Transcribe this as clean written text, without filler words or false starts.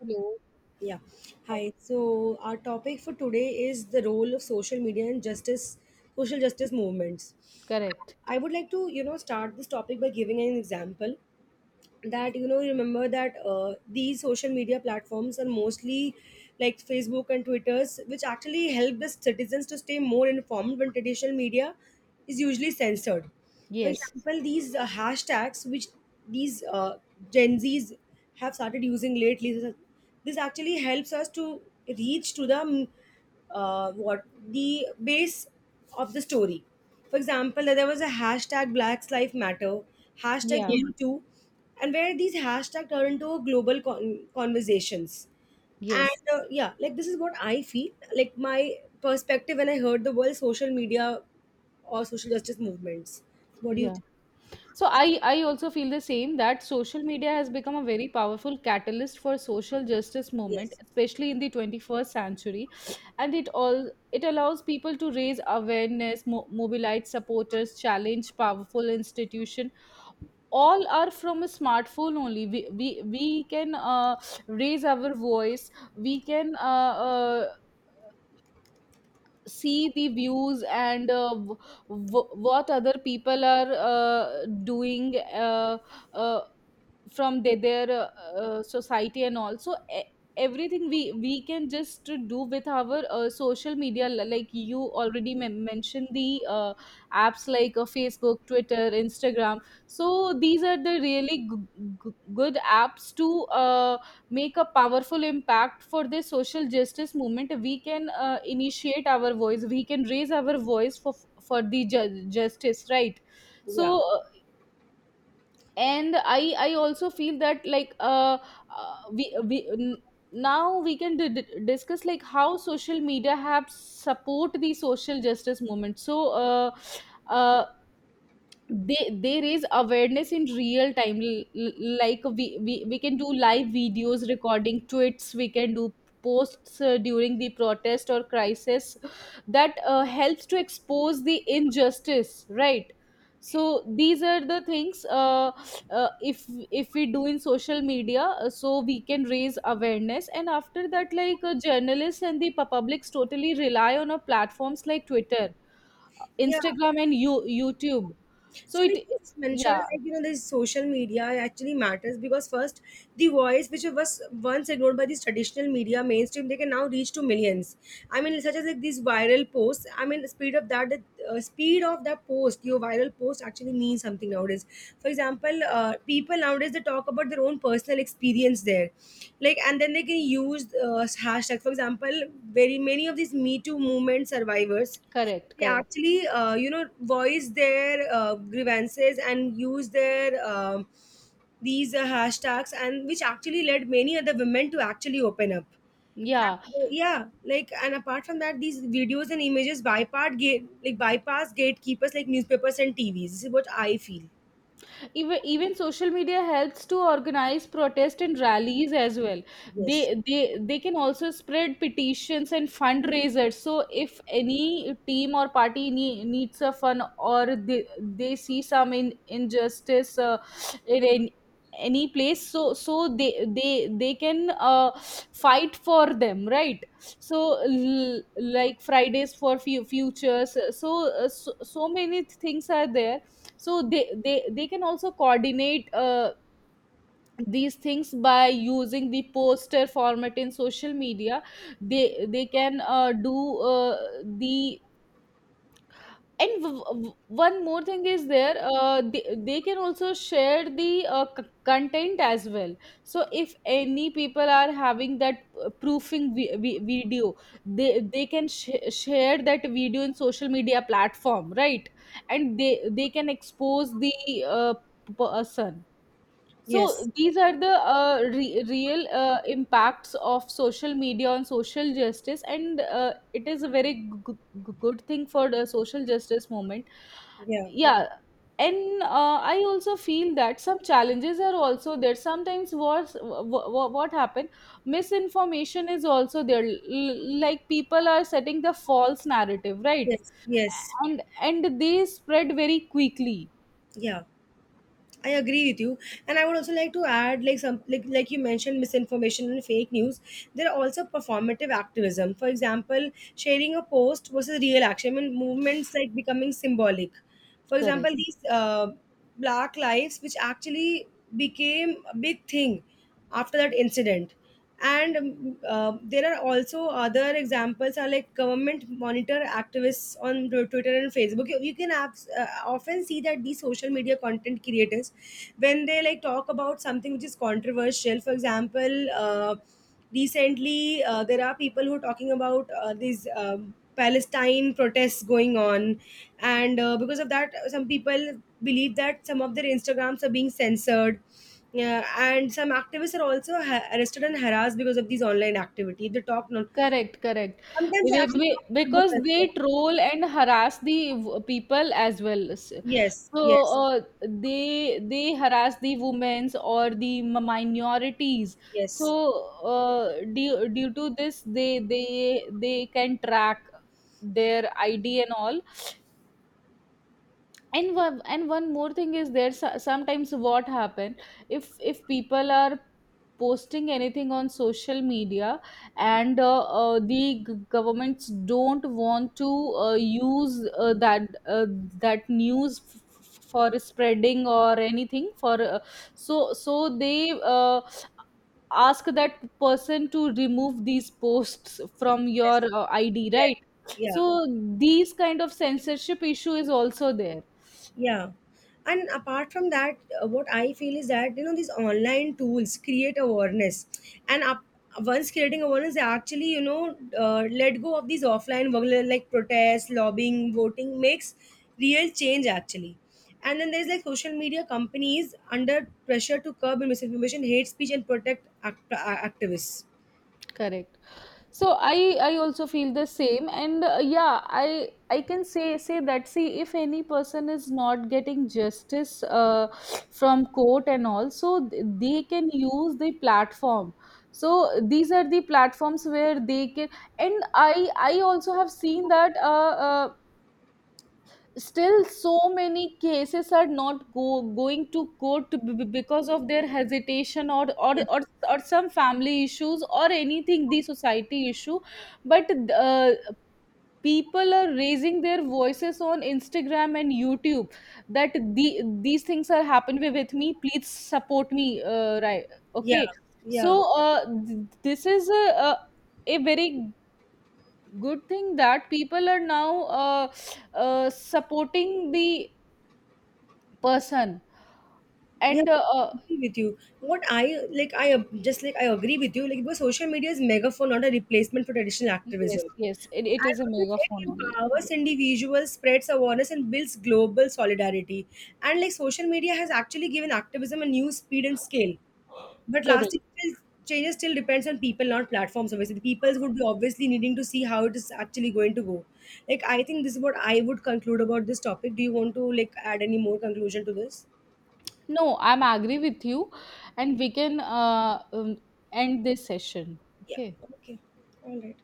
Hello. Yeah. Hi. So our topic for today is the role of social media and justice, social justice movements. Correct. I would like to, you know, start this topic by giving an example that you know you remember that these social media platforms are mostly like facebook and twitters which actually help the citizens to stay more informed when traditional media is usually censored. For Yes. example, these hashtags which these gen z's have started using lately, this actually helps us to reach to the what the base of the story. For example, there was a hashtag blacks life matter, hashtag, Yeah. yeah, me too, and where these hashtags turn into a global conversations. Yes. And yeah, like this is what I feel, like my perspective when I heard the word social media or social justice movements. What do you Yeah. So I also feel the same that social media has become a very powerful catalyst for social justice think? movement, Yes. especially in the 21st century, and it allows people to raise awareness, mobilize supporters, challenge powerful institution. All are from a smartphone only. We can raise our voice. We can see the views and what other people are doing uh, from their society, and also everything we can just do with our social media, like you already mentioned the apps like Facebook, Twitter, Instagram. So these are the really good apps to make a powerful impact for the social justice movement. We can initiate our voice. We can raise our voice for the justice, right? Yeah. so uh, and I also feel that, like, uh we we n- now we can discuss like how social media have support the social justice movement. So uh, uh they raise awareness in real time. Like we can do live videos, recording tweets. We can do posts during the protest or crisis that helps to expose the injustice, right? So these are the things, if we do in social media, so we can raise awareness, and after that, like, journalists and the publics totally rely on a platforms like Twitter, Yeah. Instagram, and YouTube. So So, it like you just mentioned, Yeah, like you know, this social media actually matters because first, the voice which was once ignored by these traditional media mainstream, they can now reach to millions. I mean, such as like these viral posts. I mean, the speed of that, the speed of that post, your viral post actually means something nowadays. For example, people nowadays they talk about their own personal experience there, like, and then they can use hashtag. For example, very many of these Me Too movement survivors. correct, They correct. actually, you know, voice their grievances and use their these hashtags, and which actually led many other women to actually open up. Yeah. And, yeah, like and apart from that, these videos and images bypass gate like bypass gatekeepers like newspapers and TVs. This is what I feel. Even social media helps to organize protest and rallies as well. Yes. They can also spread petitions and fundraisers. So if any team or party needs a fund, or they see some injustice in any place, so they can fight for them, right? So like Fridays for few futures. So many things are there. So they can also coordinate these things by using the poster format in social media. They can do the and one more thing is there. They can also share the content as well. So if any people are having that proofing video, they can share that video in social media platform, right? And they can expose the uh, person. Yes. So these are the real impacts of social media on social justice, and it is a very g- good thing for the social justice movement. Yeah. Yeah, and I also feel that some challenges are also there. Sometimes what happened? Misinformation is also there. Like people are setting the false narrative, right? Yes. Yes. And they spread very quickly. Yeah. I agree with you, and I would also like to add, like some, like you mentioned, misinformation and fake news. There are also performative activism. For example, sharing a post versus real action. I mean, movements like becoming symbolic. For example, Correct. these Black Lives, which actually became a big thing after that incident and there are also other examples are like government monitor activists on the twitter and facebook. You you can often see that these social media content creators when they like talk about something which is controversial. For example, recently, there are people who are talking about these palestine protests going on. And because of that, some people believe that some of their instagrams are being censored, yeah, and some activists are also arrested and harassed because of these online activity. They talk non. Correct, correct. Sometimes they actually talk about book Because as they well. troll and harass the people as well. Yes, So yes, uh, they harass the women's or the minorities. So yes, due to this, they can track their ID and all. And one more thing is there. Sometimes what happen if if people are posting anything on social media, and the governments don't want to use that news for spreading or anything for so they ask that person to remove these posts from yes, your id, yes, right. yeah. So these kind of censorship issue is also there. Yeah. And apart from that, what I feel is that, you know, these online tools create awareness. And up, once creating awareness, they actually, you know, let go of these offline work like protests, lobbying, voting makes real change actually. And then there's like social media companies under pressure to curb misinformation, hate speech, and protect activists. Correct. So I also feel the same, and yeah, I can say that, see, if any person is not getting justice from court and all, also they can use the platform. So these are the platforms where they can. And I also have seen that still so many cases are not going to court because of their hesitation, Yes. Or some family issues or anything, the society issue, but people are raising their voices on Instagram and YouTube, that these things are happening with me, please support me, right? Yeah. Okay. Yeah. So this is a very good thing that people are now supporting the person, Yeah, and I agree with you. What I like, I agree with you. Like, because social media is megaphone, not a replacement for traditional yes, activism. yes, it And is a also megaphone it only. empowers Yeah, individuals, spreads awareness, and builds global solidarity. And like social media has actually given activism a new speed and scale. But correct. lasting still, changes still depends on people, not platforms. Obviously, the people would be obviously needing to see how it is actually going to go. Like, I think this is what I would conclude about this topic. Do you want to like add any more conclusion to this? No, I'm agree with you, and we can end this session. Yeah. Okay. Okay. All right.